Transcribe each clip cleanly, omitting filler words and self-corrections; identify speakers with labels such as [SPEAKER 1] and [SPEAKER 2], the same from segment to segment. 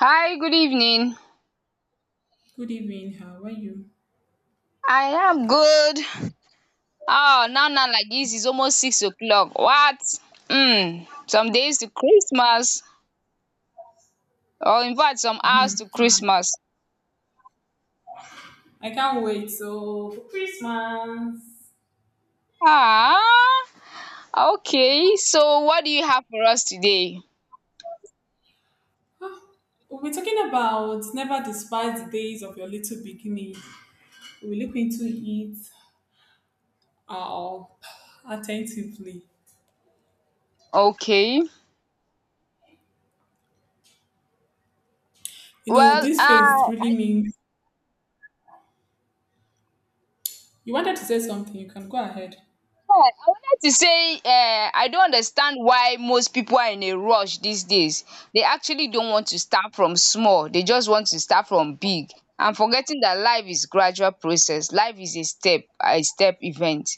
[SPEAKER 1] Hi, good evening.
[SPEAKER 2] Good evening. How are you?
[SPEAKER 1] I am good. Oh, now, like this, it's almost six o'clock. What? Hmm. Some days to Christmas, or in fact, some
[SPEAKER 2] Hmm,
[SPEAKER 1] hours to
[SPEAKER 2] ah,
[SPEAKER 1] Christmas.
[SPEAKER 2] I can't wait. So for Christmas,
[SPEAKER 1] Ah, okay. So, what do you have for us today?
[SPEAKER 2] we'll be talking about never despise the days of your little beginning. We'll look into it uh, attentively.
[SPEAKER 1] Okay.
[SPEAKER 2] You know,
[SPEAKER 1] Well,
[SPEAKER 2] this phase really
[SPEAKER 1] I
[SPEAKER 2] means you wanted to say something. You can go ahead.
[SPEAKER 1] think to say I don't understand why most people are in a rush these days. They actually don't want to start from small. They just want to start from big. I'm forgetting that life is gradual process. Life is a step event.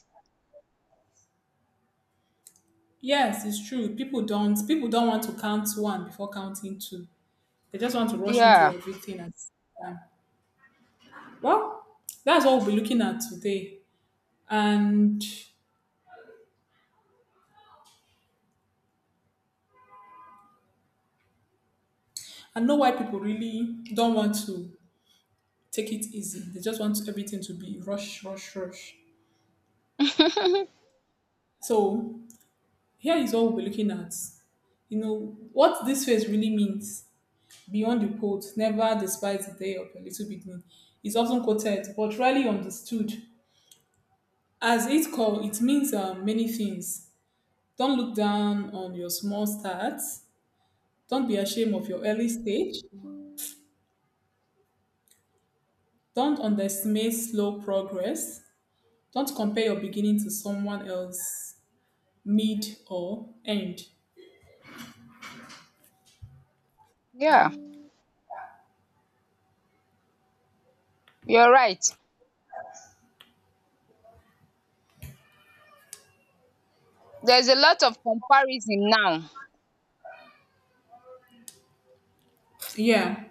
[SPEAKER 2] Yes, it's true. People don't. People don't want to count one before counting two. They just want to rush into
[SPEAKER 1] Yeah,
[SPEAKER 2] everything at the same time. Well, that's what we'll be looking at today, and I know why people really don't want to take it easy. They just want everything to be rush, rush, rush. So here is what we'll be looking at. You know, what this phrase really means beyond the quote, never despise the day of a little beginning, is often quoted but rarely understood. As it call, it means many things. Don't look down on your small starts. Don't be ashamed of your early stage. Don't underestimate slow progress. Don't compare your beginning to someone else mid or end.
[SPEAKER 1] yeah, you're right. There's a lot of comparison now.
[SPEAKER 2] Yeah.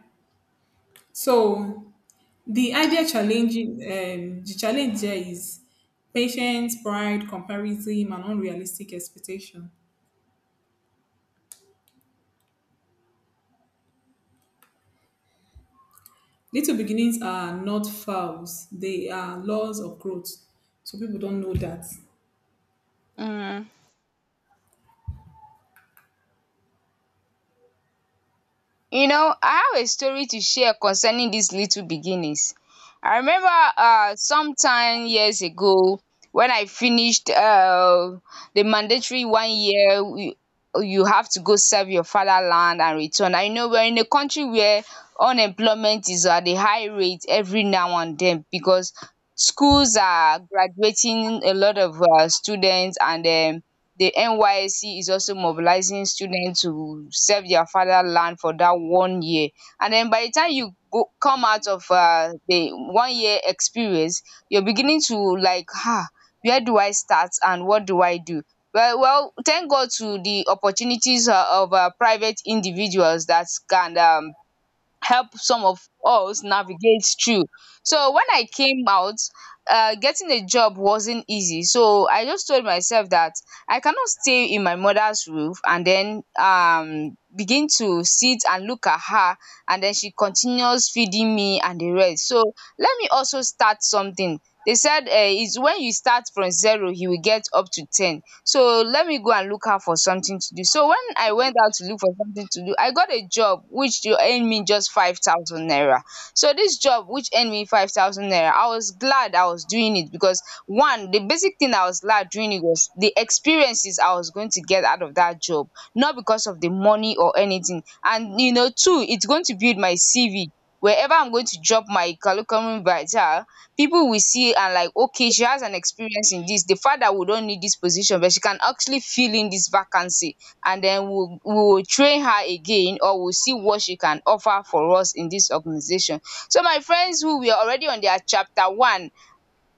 [SPEAKER 2] So the idea challenging the challenge there is patience, pride, comparison, and unrealistic expectation. Little beginnings are not fouls, they are laws of growth. So people don't know that.
[SPEAKER 1] Mm. You know, I have a story to share concerning these little beginnings. I remember sometime years ago when I finished the mandatory one year, you you have to go serve your fatherland and return. I know we're in a country where unemployment is at a high rate every now and then because schools are graduating a lot of students, and the NYSC is also mobilizing students to serve their fatherland for that one year. And then by the time you go come out of the one year experience, you're beginning to like, where do I start and what do I do? Well, thank God to the opportunities of private individuals that can help some of us navigate through. So when I came out, getting a job wasn't easy. So I just told myself that I cannot stay in my mother's roof and then begin to sit and look at her, and then she continues feeding me and the rest. So let me also start something. They said, it's when you start from zero, you will get up to 10. So let me go and look out for something to do. So when I went out to look for something to do, I got a job which dey earn me just 5,000 naira. So this job which earned me 5,000 naira, I was glad I was doing it because, one, the basic thing I was glad doing it was the experiences I was going to get out of that job, not because of the money or anything. And, you know, two, it's going to build my CV. Wherever I'm going to drop my curriculum vitae, people will see and like, okay, she has an experience in this, the fact that we don't need this position, but she can actually fill in this vacancy, and then we'll train her again, or we'll see what she can offer for us in this organization. So my friends who we are already on their chapter one,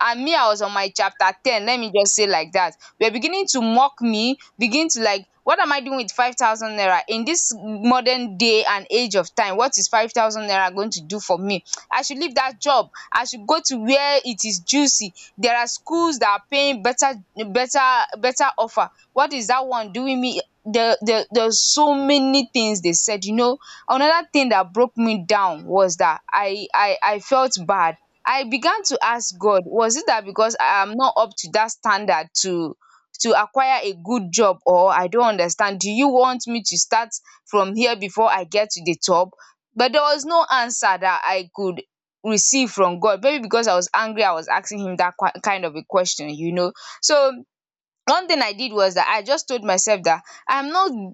[SPEAKER 1] and me, I was on my chapter 10, let me just say like that. We're beginning to mock me, begin to like, what am I doing with 5,000 naira in this modern day and age of time? What is 5,000 naira going to do for me? I should leave that job. I should go to where it is juicy. There are schools that are paying better, better, better offer. What is that one doing me? The there's so many things they said, you know. Another thing that broke me down was that I felt bad. I began to ask God, was it that because I am not up to that standard to acquire a good job, or I don't understand, do you want me to start from here before I get to the top? But there was no answer that I could receive from God, maybe because I was angry. I was asking him dat kind of a question. So one thing I did was that I just told myself that I'm not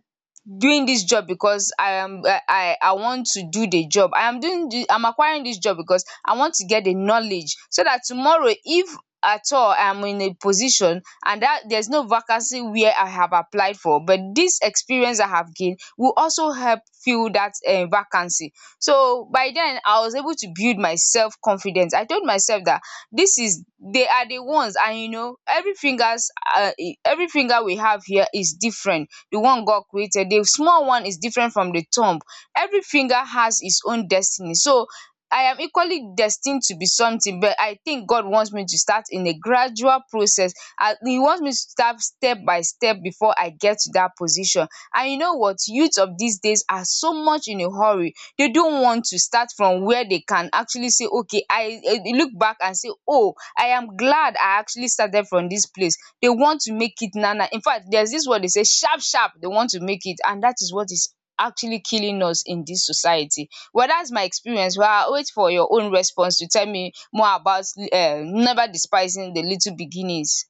[SPEAKER 1] doing this job because I am I want to do the job. I am doing the, I'm acquiring this job because I want to get the knowledge, so that tomorrow, if at all I'm in a position and that there's no vacancy where I have applied for, but this experience I have gained will also help fill that vacancy. So by then I was able to build my self confidence. I told myself that, this is they are the ones. And you know, every finger we have here is different. The one God created, the small one is different from the thumb. Every finger has its own destiny. So I am equally destined to be something, but I think God wants me to start in a gradual process. He wants me to start step by step before I get to that position. And you know what, youth of these days are so much in a hurry. They don't want to start from where they can actually say, okay, I, look back and say, oh, I am glad I actually started from this place. They want to make it nana. In fact, there's this word they say, sharp sharp. They want to make it, and that is what is actually killing us in this society. Well, that's my experience. Well, I wait for your own response to tell me more about, never despising the little beginnings.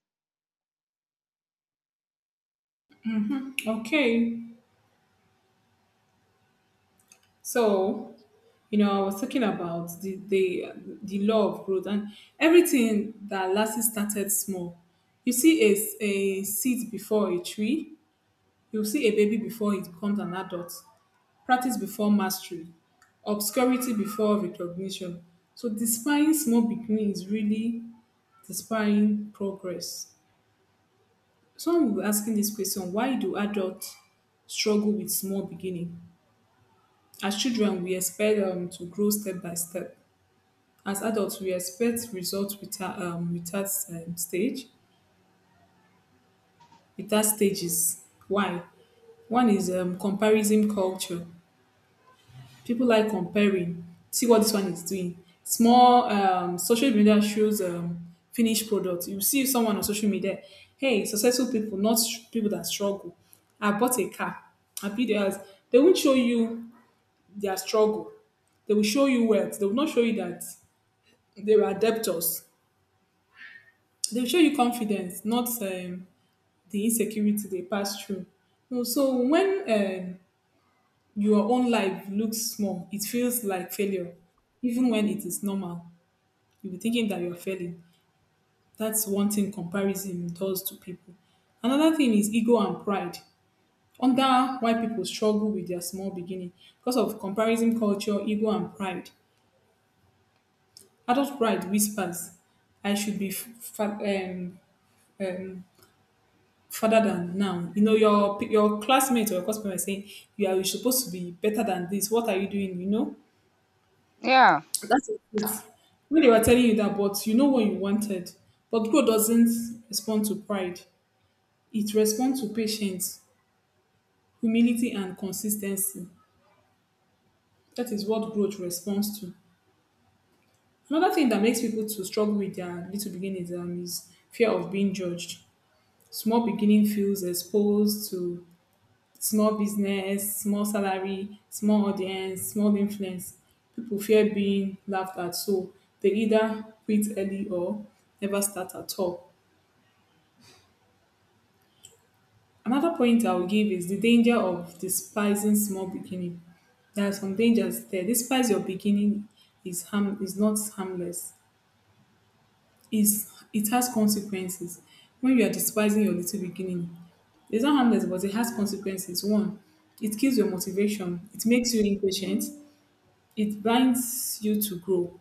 [SPEAKER 2] Okay, so you know, I was talking about the law of growth, and everything that Lassie started small. You see, a seed before a tree, you see a baby before it becomes an adult, practice before mastery, obscurity before recognition. So despairing small beginning is really despairing progress. Someone will be asking this question, why do adults struggle with small beginning? As children, we expect to grow step by step. As adults, we expect results without stages. Why? One is comparison culture. People like comparing. See what this one is doing. Small social media shows finished product. You see someone on social media, hey, successful people, not people that struggle. I bought a car. I built a house. They won't show you their struggle. They will show you wealth. They will not show you that they were debtors. They will show you confidence, not the insecurity they pass through. No. So when um, your own life looks small, it feels like failure, even when it is normal. You'll be thinking that you're failing. That's one thing comparison does to people. Another thing is ego and pride. Under why people struggle with their small beginning. Because of comparison culture, ego and pride. Adult pride whispers, I should be um, further than now. You know, your p- your classmates or your classmates are saying, you're supposed to be better than this. What are you doing? You know?
[SPEAKER 1] Yeah.
[SPEAKER 2] That's it. When they were telling you that, but you know what you wanted. But God doesn't respond to pride. It responds to patience, humility, and consistency. That is what growth responds to. Another thing that makes people to struggle with their little beginnings is fear of being judged. Small beginning feels exposed to small business, small salary, small audience, small influence. People fear being laughed at, so they either quit early or never start at all. Another point I will give is the danger of despising small beginning. There are some dangers there. Despise your beginning is harm is not harmless. Is it has consequences. When you are despising your little beginning, it's not harmless, but it has consequences. One, it kills your motivation. It makes you impatient. It blinds you to grow.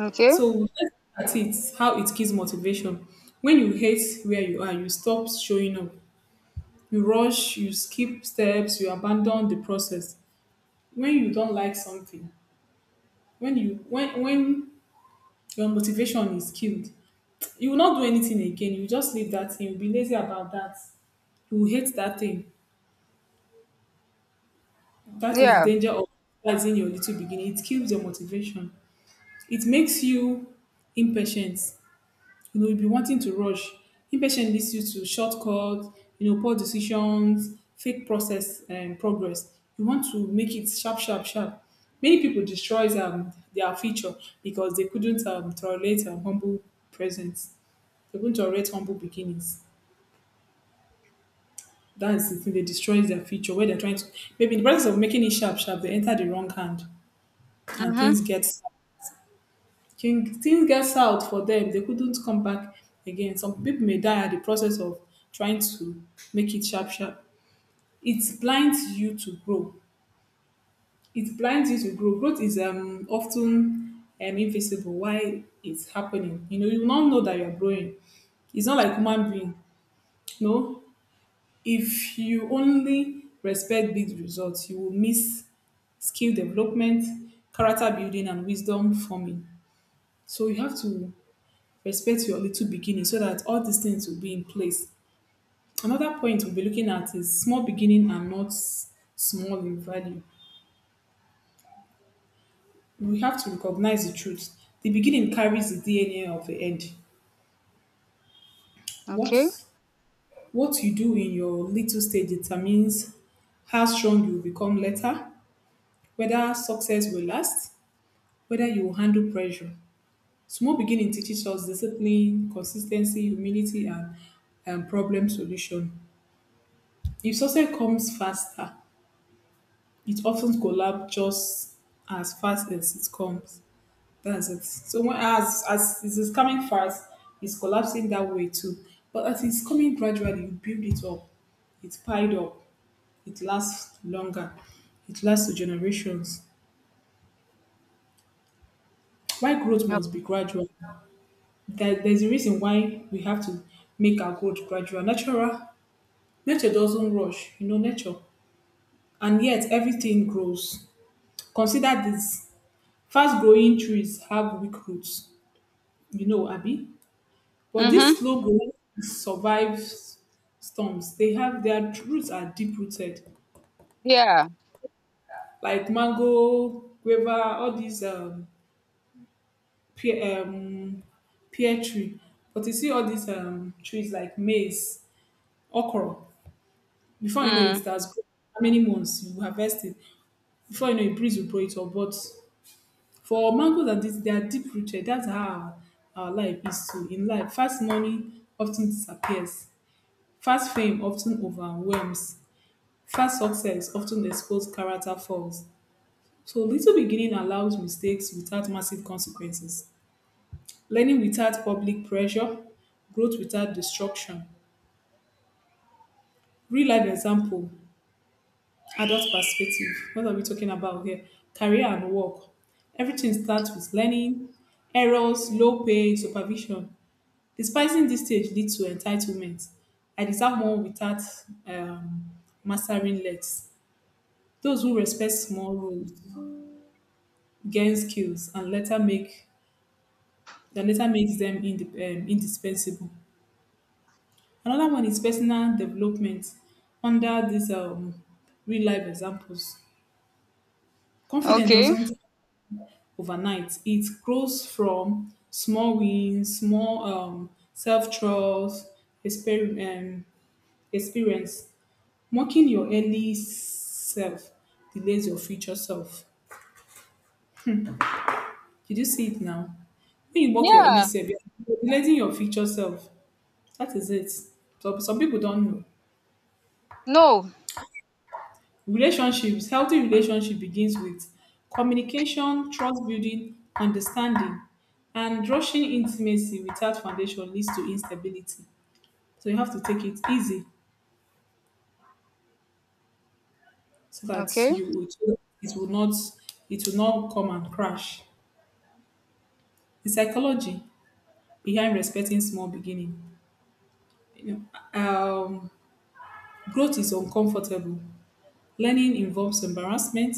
[SPEAKER 1] Okay.
[SPEAKER 2] So let's look at it how it kills motivation. When you hate where you are, you stop showing up. You rush, you skip steps, you abandon the process. When you don't like something, when your motivation is killed, you will not do anything again. You just leave that thing, you'll be lazy about that. You will hate that thing. That is the
[SPEAKER 1] Yeah.
[SPEAKER 2] danger of realizing your little beginning. It kills your motivation. It makes you impatient. You know, you'll be wanting to rush. Impatient leads you to shortcuts, you know, poor decisions, fake process and progress. You want to make it sharp, sharp, sharp. Many people destroys their future because they couldn't tolerate humble presence. They couldn't tolerate humble beginnings. That's the thing. They destroys their future where they're trying to. Maybe in the process of making it sharp, sharp, they enter the wrong hand, and
[SPEAKER 1] Mm-hmm.
[SPEAKER 2] things gets out for them, they couldn't come back again. Some people may die at the process of trying to make it sharp, sharp. It blinds you to grow. It blinds you to grow. Growth is often invisible while it's happening. You know, you will not know that you're growing. It's not like human being. No, if you only respect big results, you will miss skill development, character building, and wisdom forming. So you have to respect your little beginning so that all these things will be in place. Another point we'll be looking at is small beginning are not small in value. We have to recognize the truth. The beginning carries the DNA of the end. What
[SPEAKER 1] Okay.
[SPEAKER 2] what you do in your little stage determines how strong you will become later, whether success will last, whether you will handle pressure. Small beginning teaches us discipline, consistency, humility, and problem solution. If success comes faster, it often collapsed just as fast as it comes. That's it. So when, as it is coming fast, it's collapsing that way too. But as it's coming gradually, you build it up, it's piled up, it lasts longer, it lasts to generations. Why growth must be gradual? There's a reason why we have to make our growth gradual. Natural nature doesn't rush, you know nature. And yet everything grows. Consider this. Fast growing trees have weak roots, you know, Abby. But
[SPEAKER 1] Mm-hmm.
[SPEAKER 2] this logo survives storms. They have their roots are deep rooted,
[SPEAKER 1] Yeah.
[SPEAKER 2] like mango, guava, all these pear, pear tree. But you see all these trees like maize, okra. Before you know it,
[SPEAKER 1] Mm.
[SPEAKER 2] that's how many months you harvest it. Before you know it, breeze will blow it up. But for mangoes and this, they are deep rooted. That's how our life is too. In life, fast money often disappears. Fast fame often overwhelms, fast success often exposes character flaws, so little beginning allows mistakes without massive consequences, learning without public pressure, growth without destruction. Real life example, adult perspective. What are we talking about here? Career and work. Everything starts with learning, errors, low pay, supervision. Despising this stage leads to entitlement. I deserve more without um, mastering less. Those who respect small rules gain skills, and later makes them indip indispensable. Another one is personal development under these real life examples. Confidence
[SPEAKER 1] Okay.
[SPEAKER 2] doesn't overnight. It grows from small wins, small self trust, exper- um, experience. Mocking your early self delays your future self. Did you see it now? When you work your only
[SPEAKER 1] Yeah.
[SPEAKER 2] self, you're relating your future self. That is it. So some people don't know.
[SPEAKER 1] No.
[SPEAKER 2] Relationships, healthy relationship begins with communication, trust building, understanding, and rushing intimacy without foundation leads to instability. So you have to take it easy so that
[SPEAKER 1] Okay.
[SPEAKER 2] it will not it will not come and crash. The psychology behind respecting small beginning. You know, growth is uncomfortable. Learning involves embarrassment,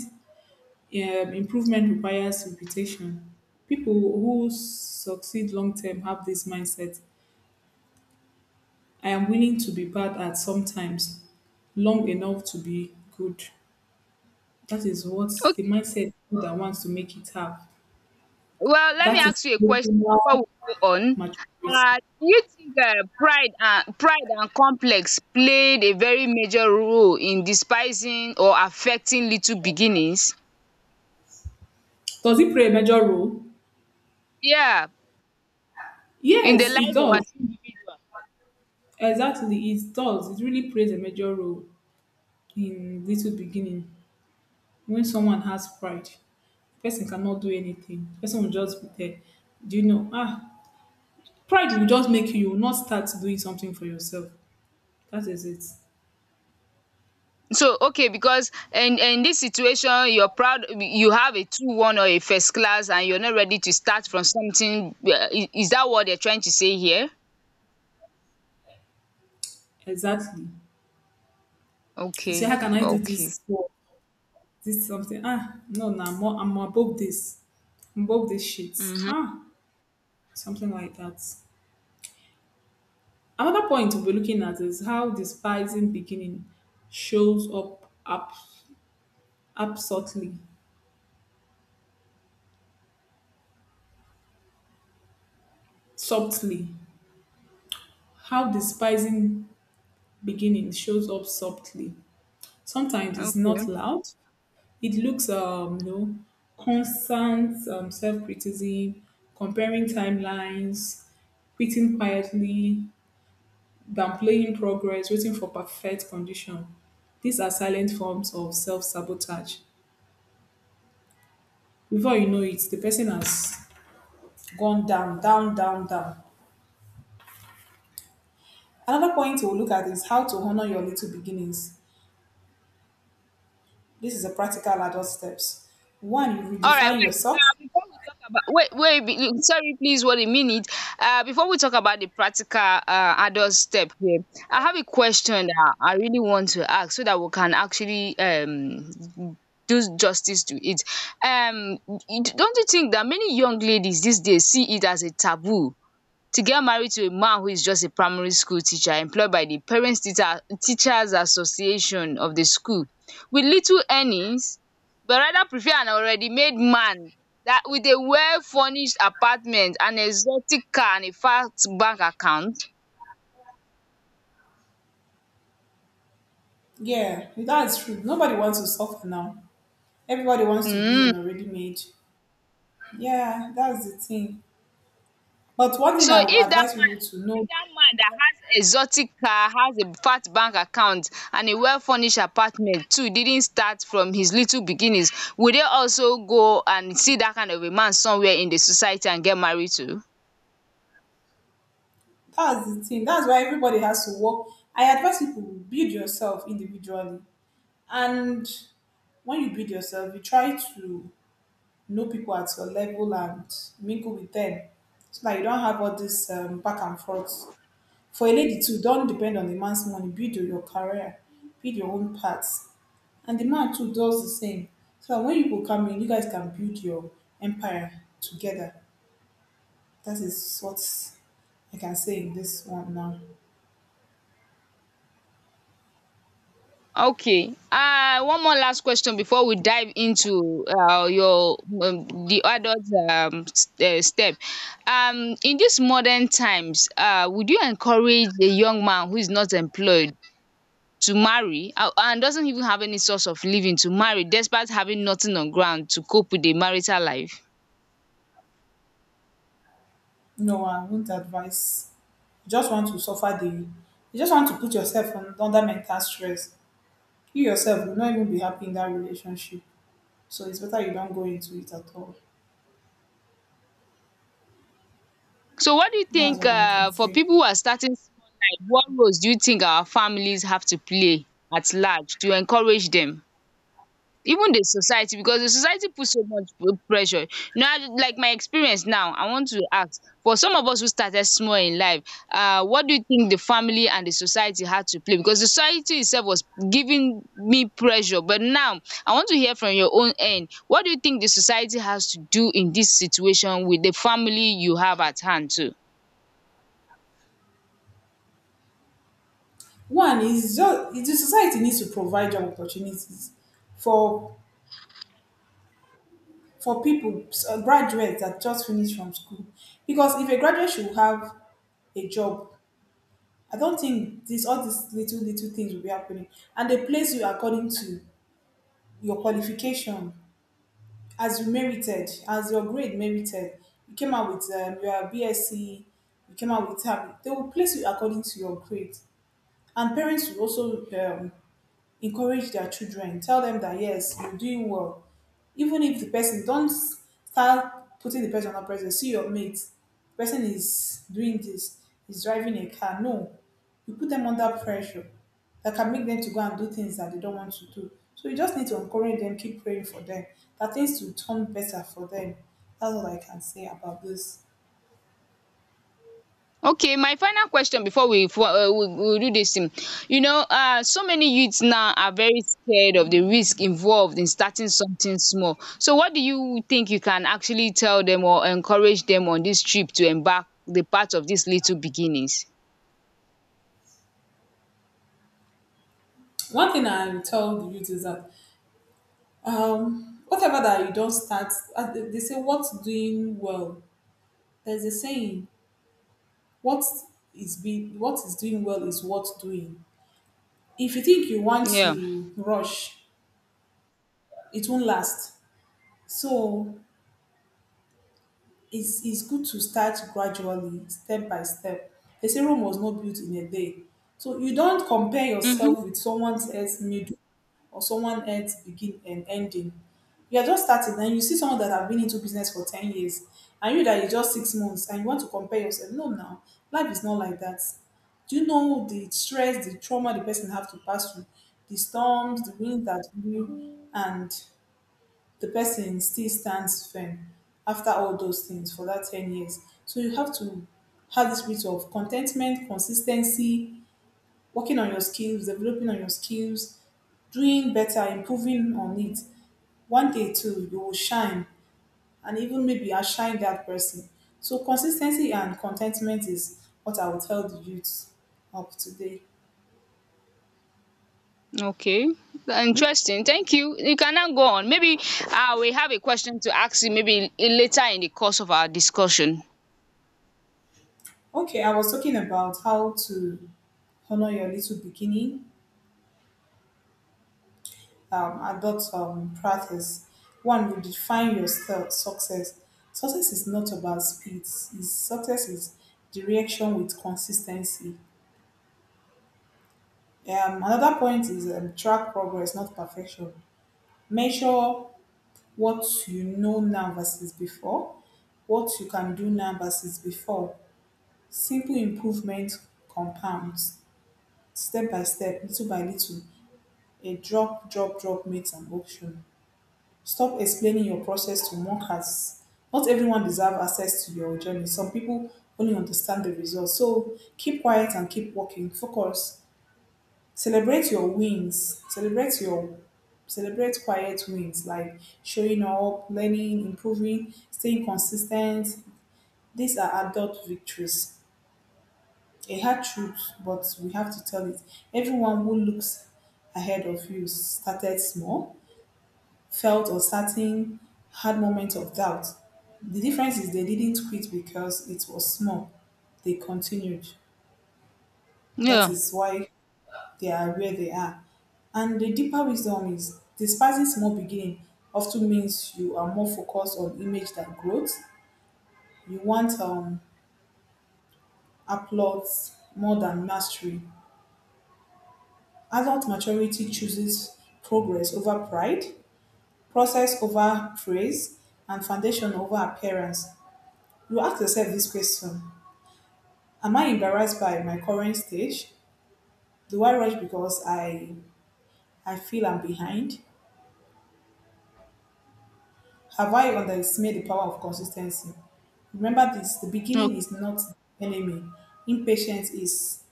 [SPEAKER 2] improvement requires repetition. People who succeed long term have this mindset: I am willing to be bad at sometimes, long enough to be good. That is what the
[SPEAKER 1] Okay.
[SPEAKER 2] mindset that wants to make it have.
[SPEAKER 1] Well, let me
[SPEAKER 2] That is
[SPEAKER 1] ask you a question before
[SPEAKER 2] emotional
[SPEAKER 1] we go on.
[SPEAKER 2] maturity.
[SPEAKER 1] Do you think, pride and complex played a very major role in despising or affecting little beginnings?
[SPEAKER 2] Does it play a major role?
[SPEAKER 1] Yeah, in the
[SPEAKER 2] Yes, it
[SPEAKER 1] life of an
[SPEAKER 2] does.
[SPEAKER 1] individual.
[SPEAKER 2] Exactly, it does. It really plays a major role in little beginning. When someone has pride, the person cannot do anything. The person will just be there. Do you know? Pride will just you will not start doing something for yourself. That is it.
[SPEAKER 1] So, okay, because in this situation, you're proud. You have a 2:1 or a first class, and you're not ready to start from something. Is that what they're trying to say here?
[SPEAKER 2] Exactly. You say,
[SPEAKER 1] Okay.
[SPEAKER 2] how can I do
[SPEAKER 1] Okay.
[SPEAKER 2] this? Work? This something. No, no, I'm above this. I'm above this shit.
[SPEAKER 1] Mm-hmm.
[SPEAKER 2] Ah, something like that. Another point we'll be looking at is how despising beginning shows up absolutely, softly. How despising beginning shows up softly. Sometimes it's not
[SPEAKER 1] Okay.
[SPEAKER 2] loud. It looks, you know, constant self-criticism, comparing timelines, quitting quietly, downplaying progress, waiting for perfect condition. These are silent forms of self-sabotage. Before you know it, the person has gone down, down, down, down. Another point we'll look at is how to honor your little beginnings. This is a practical adult steps. One, you
[SPEAKER 1] All right,
[SPEAKER 2] redefine
[SPEAKER 1] wait.
[SPEAKER 2] yourself.
[SPEAKER 1] Before we talk about, wait, wait, sorry, please, one minute. Before we talk about the practical adult step here, I have a question that I really want to ask so that we can actually do justice to it. Don't you think that many young ladies these days see it as a taboo to get married to a man who is just a primary school teacher employed by the Parents Teacher Teachers Association of the school, with little earnings, but rather prefer an already made man, that with a well furnished apartment, an exotic car and a fat bank account?
[SPEAKER 2] Yeah, that's true. Nobody wants to suffer now. Everybody wants to be
[SPEAKER 1] um
[SPEAKER 2] an already made. Yeah, that's the thing. But one thing
[SPEAKER 1] So
[SPEAKER 2] I would
[SPEAKER 1] if dat
[SPEAKER 2] advise people
[SPEAKER 1] man
[SPEAKER 2] to
[SPEAKER 1] if
[SPEAKER 2] know.
[SPEAKER 1] dat man that has exotic car, has a fat bank account and a well furnished apartment too, didn't start from his little beginnings, will they also go and see dat kind of a man somewhere in the society and get married to?
[SPEAKER 2] That's the thing. That's why everybody has to work. I advise people build yourself individually. And when you build yourself, you try to know people at your level and mingle with them, so that you don't have all this back and forth. For a lady too, don't depend on a man's money. Build your career, build your own path. And the man too does the same, so that when you people come in, you guys can build your empire together. That is what I can say in this one now.
[SPEAKER 1] Okay, one more last question before we dive into your the adult step. In dis modern times, would you encourage a young man who is not employed to marry, and doesn't even have any source of living, to marry despite having nothing on ground to cope with a marital life?
[SPEAKER 2] No, I won't advise. You just want to suffer the. You just want to put yourself on, under mental stress. You yourself will not even be happy in that relationship, so it's better you don't go into it at all.
[SPEAKER 1] So what do you
[SPEAKER 2] That's
[SPEAKER 1] think,
[SPEAKER 2] what I can
[SPEAKER 1] for
[SPEAKER 2] say.
[SPEAKER 1] people who are starting small life, what roles do you think our families have to play at large to encourage them? Even the society, because the society put so much pressure. Now, like my experience now, I want to ask, for some of us who started small in life, what do you think the family and the society had to play? Because the society itself was giving me pressure. But now, I want to hear from your own end. What do you think the society has to do in this situation with the family you have at hand too?
[SPEAKER 2] One is just is the society needs to provide job opportunities for for people, graduates that just finished from school. Because if a graduate should have a job, I don't think this all these little little things will be happening. And they place you according to your qualification, as you merited, as your grade merited. You came out with your BSc, you came out with tab. They will place you according to your grade. And parents will also um, encourage their children, tell them that yes, you're doing well, even if the person don't start putting the person on pressure, see your mate, person is doing this, is driving a car. No, you put them under pressure that can make them to go and do things that they don't want to do. So you just need to encourage them, keep praying for them, that things will turn better for them. That's all I can say about this.
[SPEAKER 1] Okay, my final question before we do this thing. You know, so many youths now are very scared of the risk involved in starting something small. So, what do you think you can actually tell them or encourage them on this trip to embark the part of these little beginnings?
[SPEAKER 2] One thing I will tell the youth is that whatever that you don't start, they say what's doing well. There's a saying, what is being, what is doing well is worth doing. If you think you want
[SPEAKER 1] Yeah.
[SPEAKER 2] to rush, it won't last. So it's good to start gradually, step by step. They say Rome was not built in a day. So you don't compare
[SPEAKER 1] Mm-hmm.
[SPEAKER 2] yourself with someone else's middle or someone else begin and ending. You are just starting and you see someone that have been into business for 10 years, and you that is just 6 months and you want to compare yourself. No, now, life is not like that. Do you know the stress, the trauma the person have to pass through, the storms, the wind that blew, and the person still stands firm after all those things for that 10 years. So you have to have this spirit of contentment, consistency, working on your skills, developing on your skills, doing better, improving on it. One day too, you will shine and even maybe outshine that person. So consistency and contentment is what I would tell the youth of today.
[SPEAKER 1] Okay. Interesting. Thank you. You can now go on. Maybe, we have a question to ask you, maybe later in the course of our discussion.
[SPEAKER 2] Okay, I was talking about how to honor your little beginning, adult practice. One would define your success. Success is not about speed. Success is direction with consistency. Another point is, track progress, not perfection. Measure what you know now versus before, what you can do now versus before. Simple improvement compounds, step by step, little by little. A drop, drop, drop makes an ocean. Stop explaining your process to mockers. Not everyone deserves access to your journey. Some people only understand the results. So keep quiet and keep working. Focus. Celebrate your wins. Celebrate quiet wins like showing up, learning, improving, staying consistent. These are adult victories. A hard truth, but we have to tell it. Everyone who looks ahead of you started small, felt uncertain, had moments of doubt. The difference is they didn't quit because it was small. They continued. That
[SPEAKER 1] Yeah.
[SPEAKER 2] is why they are where they are. And the deeper wisdom is despising small beginning often means you are more focused on image than growth. You want applause more than mastery. Adult maturity chooses progress over pride, process over praise, and foundation over appearance. You ask yourself this question: am I embarrassed by my current stage? Do I rush because I feel I'm behind? Have I underestimated the power of consistency? Remember this: the beginning
[SPEAKER 1] Okay.
[SPEAKER 2] is not the enemy, impatience is.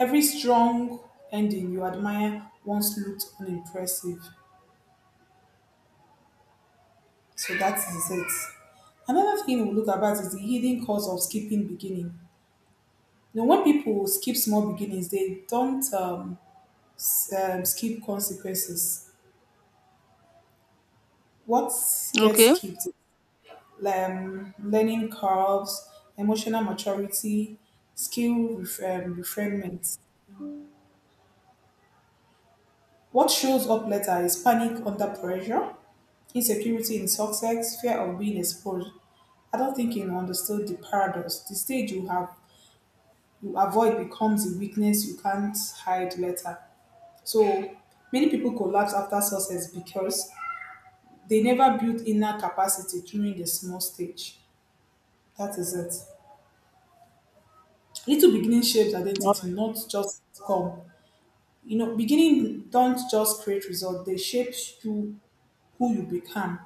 [SPEAKER 2] Every strong ending you admire once looked unimpressive. So that is it. Another thing we look about is the hidden cause of skipping beginning. Now, when people skip small beginnings, they don't, skip consequences. What gets
[SPEAKER 1] Okay.
[SPEAKER 2] skipped: learning curves, emotional maturity, refinement. What shows up later is panic under pressure, insecurity in success, fear of being exposed. I don't think you understood the paradox. The stage you have you avoid becomes a weakness you can't hide later. So many people collapse after success because they never built inner capacity during the small stage. That is it. Little beginning shapes
[SPEAKER 1] All
[SPEAKER 2] identity,
[SPEAKER 1] right.
[SPEAKER 2] not just come. You know, beginning don't just create results, they shape you, who you become.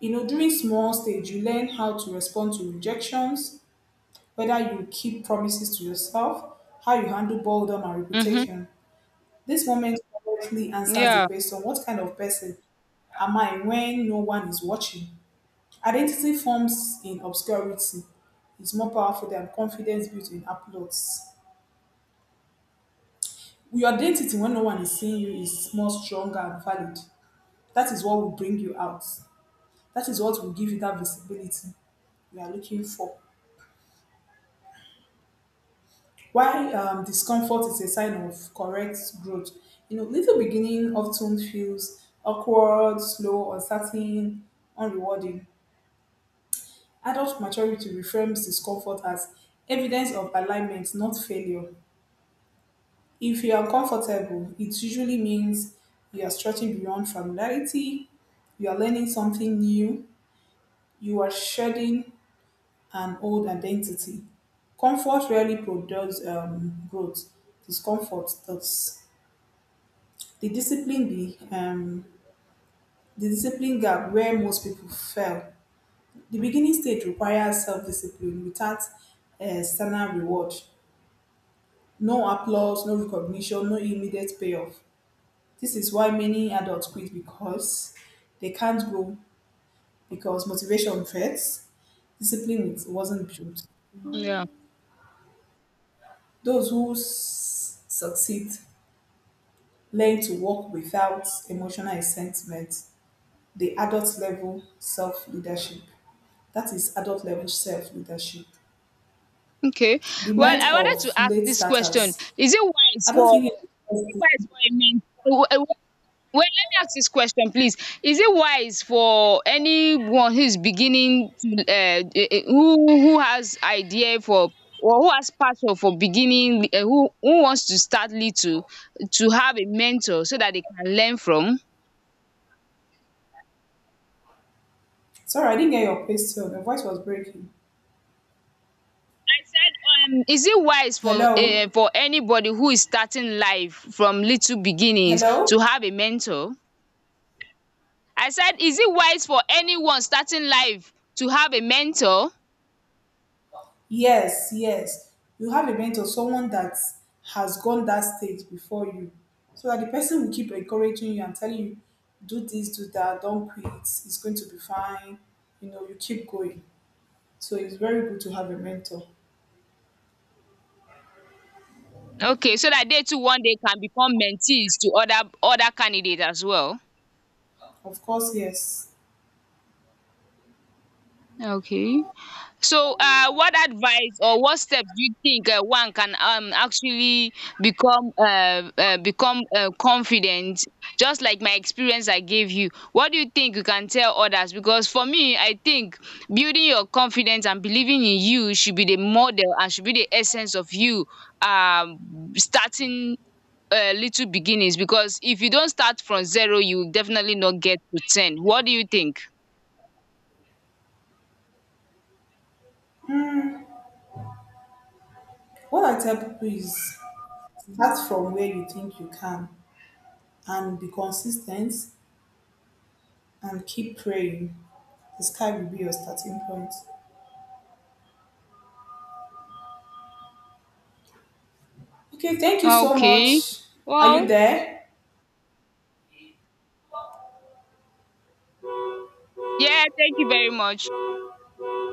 [SPEAKER 2] You know, during small stage you learn how to respond to rejections, whether you keep promises to yourself, how you handle boredom and
[SPEAKER 1] Mm-hmm.
[SPEAKER 2] reputation. This moment correctly answers the
[SPEAKER 1] Yeah.
[SPEAKER 2] question, what kind of person am I when no one is watching? Identity forms in obscurity is more powerful than confidence built in applause. Your identity when no one is seeing you is more stronger and valid. That is what will bring you out. That is what will give you that visibility you are looking for. Why discomfort is a sign of correct growth. You know, little beginning often feels awkward, slow, uncertain, unrewarding. Adult maturity reframes discomfort as evidence of alignment, not failure. If you are uncomfortable, it usually means you are stretching beyond familiarity, you are learning something new, you are shedding and old identity. Comfort rarely produces growth. Discomfort does. The discipline be um, the discipline gap where most people fail. The beginning stage requires self-discipline without external reward. No applause, no recognition, no immediate payoff. This is why many adults quit, because they can't grow, because motivation fades, discipline wasn't built.
[SPEAKER 1] Yeah.
[SPEAKER 2] Those who succeed learn to work without emotional resentment, the adult level self leadership. That is adult level self leadership.
[SPEAKER 1] Okay.
[SPEAKER 2] The
[SPEAKER 1] Well,
[SPEAKER 2] merit
[SPEAKER 1] I wanted
[SPEAKER 2] of
[SPEAKER 1] to ask
[SPEAKER 2] late
[SPEAKER 1] this question.
[SPEAKER 2] starters.
[SPEAKER 1] Is it wise
[SPEAKER 2] I don't
[SPEAKER 1] for
[SPEAKER 2] think
[SPEAKER 1] is it
[SPEAKER 2] it.
[SPEAKER 1] wise for a men, well, let me ask this question, please. Is it wise for anyone who is beginning to, eh, who who has idea for, or who has passion for beginning, who wants to start little, to have a mentor so that they can learn from?
[SPEAKER 2] Sorry, I didn't get your question. The voice was breaking.
[SPEAKER 1] I said, is it wise for,
[SPEAKER 2] Hello?
[SPEAKER 1] for anybody who is starting life from little beginnings
[SPEAKER 2] Hello?
[SPEAKER 1] to have a mentor? I said, is it wise for anyone starting life to have a mentor?
[SPEAKER 2] Yes, yes. You have a mentor, someone that has gone that stage before you. So that the person will keep encouraging you and telling you, do this, do that, don't quit, it's going to be fine. You know, you keep going. So it's very good to have a mentor.
[SPEAKER 1] Okay, so that they too one day can become mentees to other candidates as well.
[SPEAKER 2] Of course, yes.
[SPEAKER 1] Okay. So, what advice or what steps do you think, one can actually become, confident? Just like my experience I gave you, what do you think you can tell others? Because for me, I think building your confidence and believing in you should be the model and should be the essence of you um starting. Little beginnings, because if you don't start from zero you will definitely not get to 10. What do you think?
[SPEAKER 2] What I tell people is start from where you think you can and be consistent and keep praying. The sky will be your starting point. Okay, thank you so
[SPEAKER 1] Okay.
[SPEAKER 2] much. Are you
[SPEAKER 1] Well.
[SPEAKER 2] there?
[SPEAKER 1] Yeah, thank you very much.